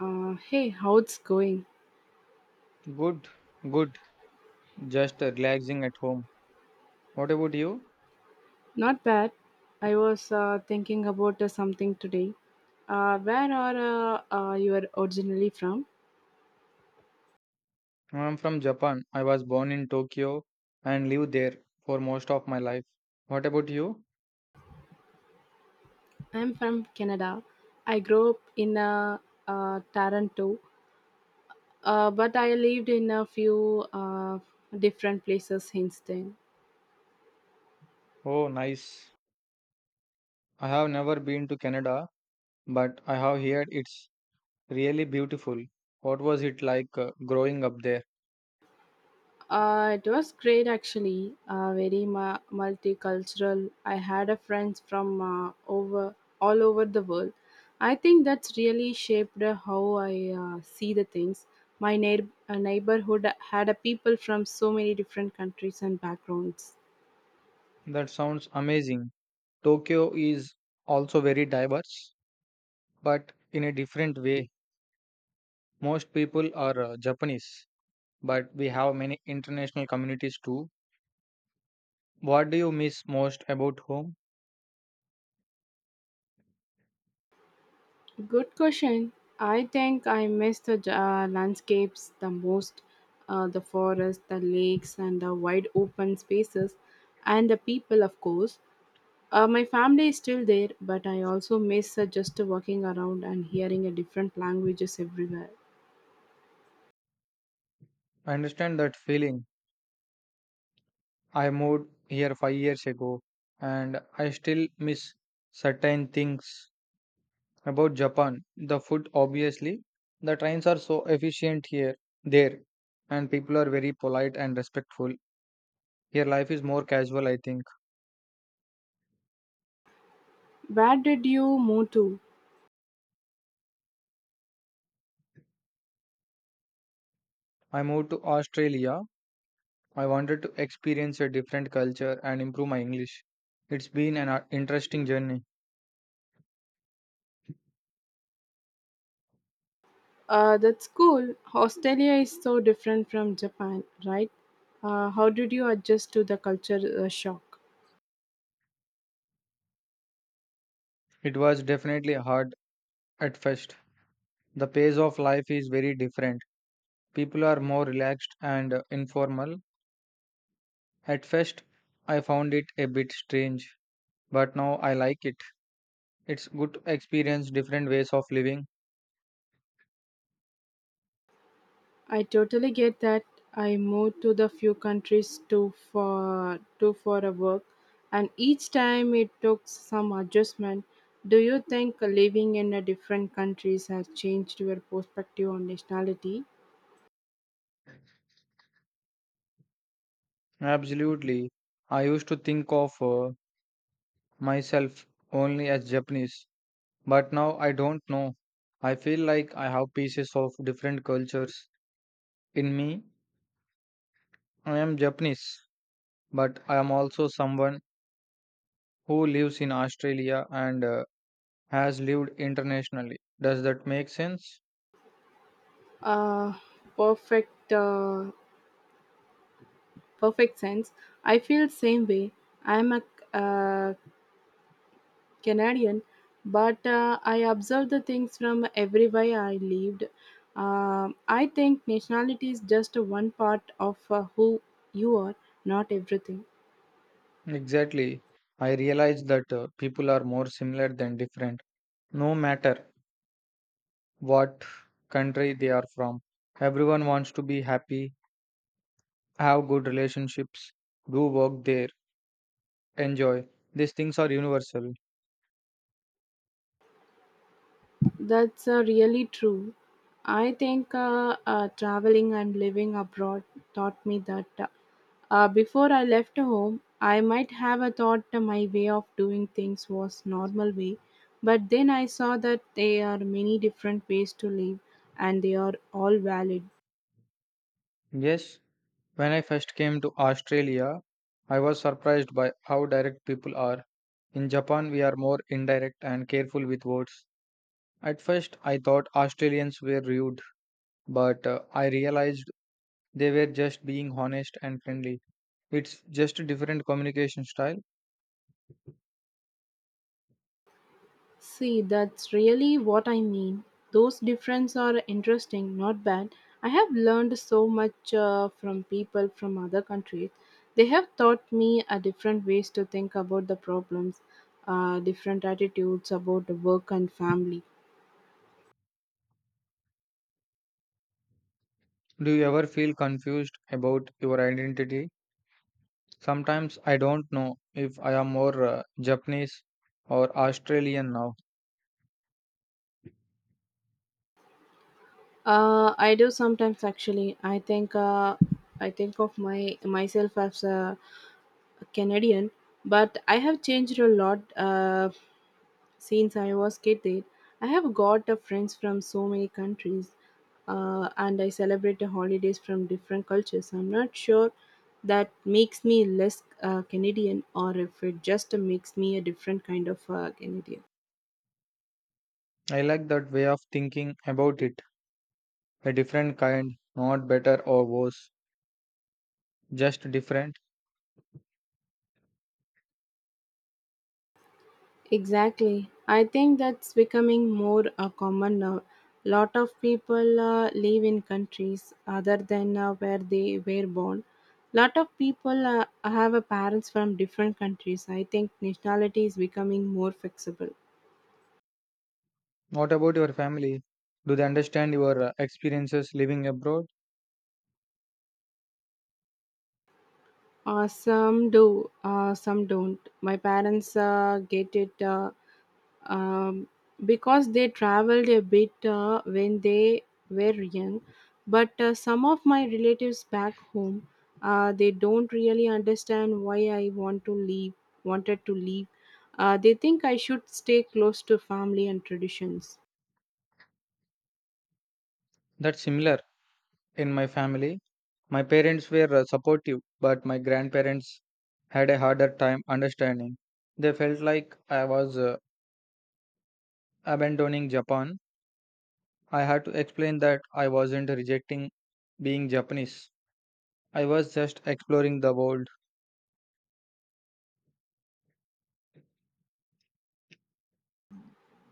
Hey, how it's going? Good, good. Just relaxing at home. What about you? Not bad. I was thinking about something today. Where are you are originally from? I'm from Japan. I was born in Tokyo and lived there for most of my life. What about you? I'm from Canada. I grew up in Toronto, but I lived in a few different places since then. Oh, nice. I have never been to Canada, but I have heard it's really beautiful. What was it like growing up there? It was great actually, very multicultural. I had a friends from over all over the world. I think that's really shaped how I see the things. My neighborhood had a people from so many different countries and backgrounds. That sounds amazing. Tokyo is also very diverse, but in a different way. Most people are Japanese, but we have many international communities too. What do you miss most about home? Good question. I think I miss the landscapes the most, the forests, the lakes, and the wide open spaces, and the people, of course. My family is still there, but I also miss just walking around and hearing a different languages everywhere. I understand that feeling. I moved here 5 years ago and I still miss certain things about Japan. The food, obviously. The trains are so efficient here, there, and people are very polite and respectful. Here, life is more casual, I think. Where did you move to? I moved to Australia. I wanted to experience a different culture and improve my English. It's been an interesting journey. That's cool. Australia is so different from Japan, right? How did you adjust to the culture shock? It was definitely hard at first. The pace of life is very different. People are more relaxed and informal. At first, I found it a bit strange, but now I like it. It's good to experience different ways of living. I totally get that. I moved to the few countries to for a work, and each time it took some adjustment. Do you think living in a different countries has changed your perspective on nationality? Absolutely. I used to think of myself only as Japanese, but now I don't know. I feel like I have pieces of different cultures in me. I am Japanese, but I am also someone who lives in Australia and has lived internationally. Does that make sense? Uh, Perfect, perfect sense. I feel same way. I'm a uh, Canadian, but I observe the things from everywhere I lived. I think nationality is just one part of who you are, not everything. Exactly. I realize that people are more similar than different, no matter what country they are from. Everyone wants to be happy, have good relationships, do work there, enjoy. These things are universal. That's really true. I think traveling and living abroad taught me that before I left home, I might have a thought my way of doing things was normal way, but then I saw that there are many different ways to live and they are all valid. Yes, when I first came to Australia, I was surprised by how direct people are. In Japan, we are more indirect and careful with words. At first, I thought Australians were rude but I realized they were just being honest and friendly. It's just a different communication style. See, that's really what I mean. Those differences are interesting, not bad. I have learned so much from people from other countries. They have taught me a different ways to think about the problems, different attitudes about the work and family. Do you ever feel confused about your identity? Sometimes I don't know if I am more Japanese or Australian now. I do sometimes actually. I think of my myself as a Canadian, but I have changed a lot. Since I was kid, I have got friends from so many countries, and I celebrate the holidays from different cultures. I'm not sure that makes me less Canadian, or if it just makes me a different kind of Canadian. I like that way of thinking about it. A different kind, not better or worse, just different. Exactly. I think that's becoming more common now. Lot of people live in countries other than where they were born. Lot of people have a parents from different countries. I think nationality is becoming more flexible. What about your family? Do they understand your experiences living abroad? Some do, some don't. My parents get it. Um, because they traveled a bit when they were young, but some of my relatives back home, they don't really understand why I want to leave wanted to leave. They think I should stay close to family and traditions. That's similar in my family. My parents were supportive, but my grandparents had a harder time understanding. They felt like I was abandoning Japan. I had to explain that I wasn't rejecting being Japanese. I was just exploring the world.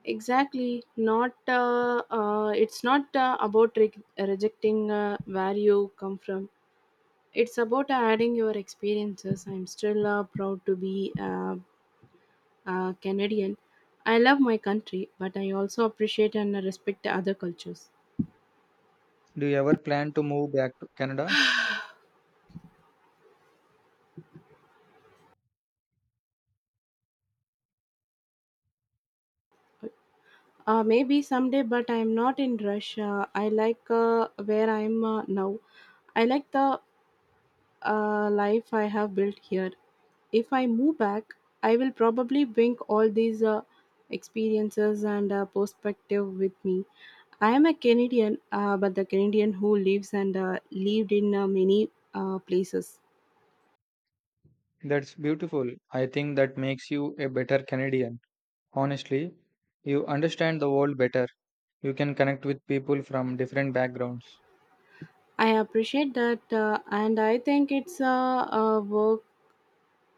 Exactly, not it's not about rejecting where you come from. It's about adding your experiences. I'm still proud to be Canadian. I love my country, but I also appreciate and respect other cultures. Do you ever plan to move back to Canada? Maybe someday, but I am not in rush. I like where I am now. I like the life I have built here. If I move back, I will probably bring all these experiences and perspective with me. I am a Canadian, but the Canadian who lives and lived in many places. That's beautiful. I think that makes you a better Canadian. Honestly, you understand the world better. You can connect with people from different backgrounds. I appreciate that, and I think it's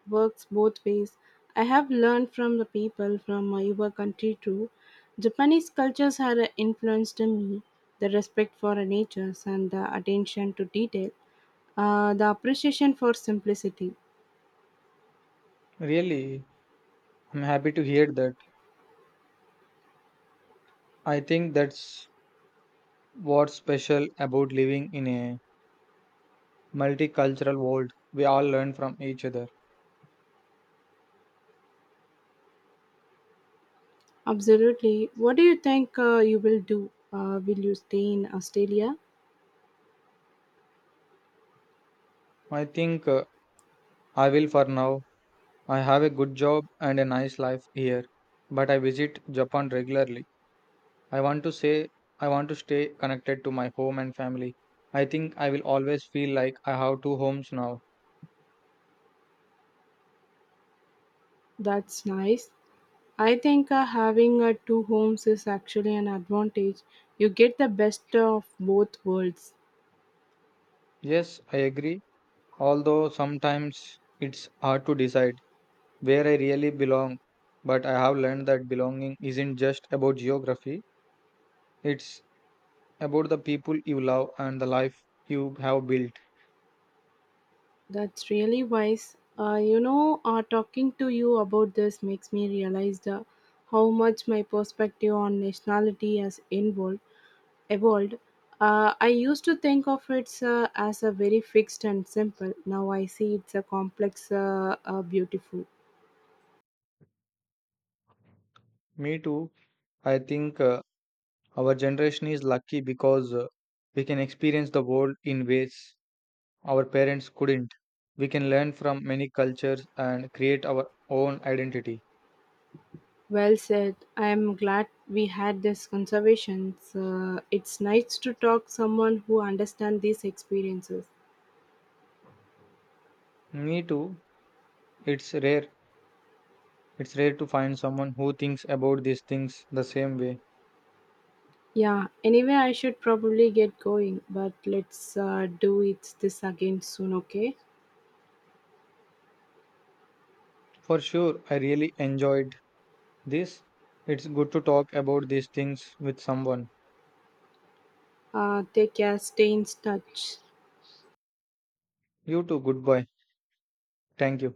works both ways. I have learned from the people from your country too. Japanese cultures had influenced me. The respect for natures and the attention to detail, the appreciation for simplicity. Really, I'm happy to hear that. I think that's what's special about living in a multicultural world. We all learn from each other. Absolutely. What do you think you will do? Will you stay in Australia? I think I will for now. I have a good job and a nice life here, but I visit Japan regularly. I want to say I want to stay connected to my home and family. I think I will always feel like I have two homes now. That's nice. I think having two homes is actually an advantage. You get the best of both worlds. Yes, I agree, although sometimes it's hard to decide where I really belong, but I have learned that belonging isn't just about geography. It's about the people you love and the life you have built. That's really wise. You know, talking to you about this makes me realize how much my perspective on nationality has evolved. I used to think of it as a very fixed and simple. Now I see it's a complex, beautiful. Me too. I think our generation is lucky because we can experience the world in ways our parents couldn't. We can learn from many cultures and create our own identity. Well said. I am glad we had this conversation. It's nice to talk someone who understands these experiences. Me too. It's rare. It's rare to find someone who thinks about these things the same way. Yeah. Anyway, I should probably get going, but let's do it this again soon. Okay. For sure, I really enjoyed this. It's good to talk about these things with someone. Take care. Stay in touch. You too. Goodbye. Thank you.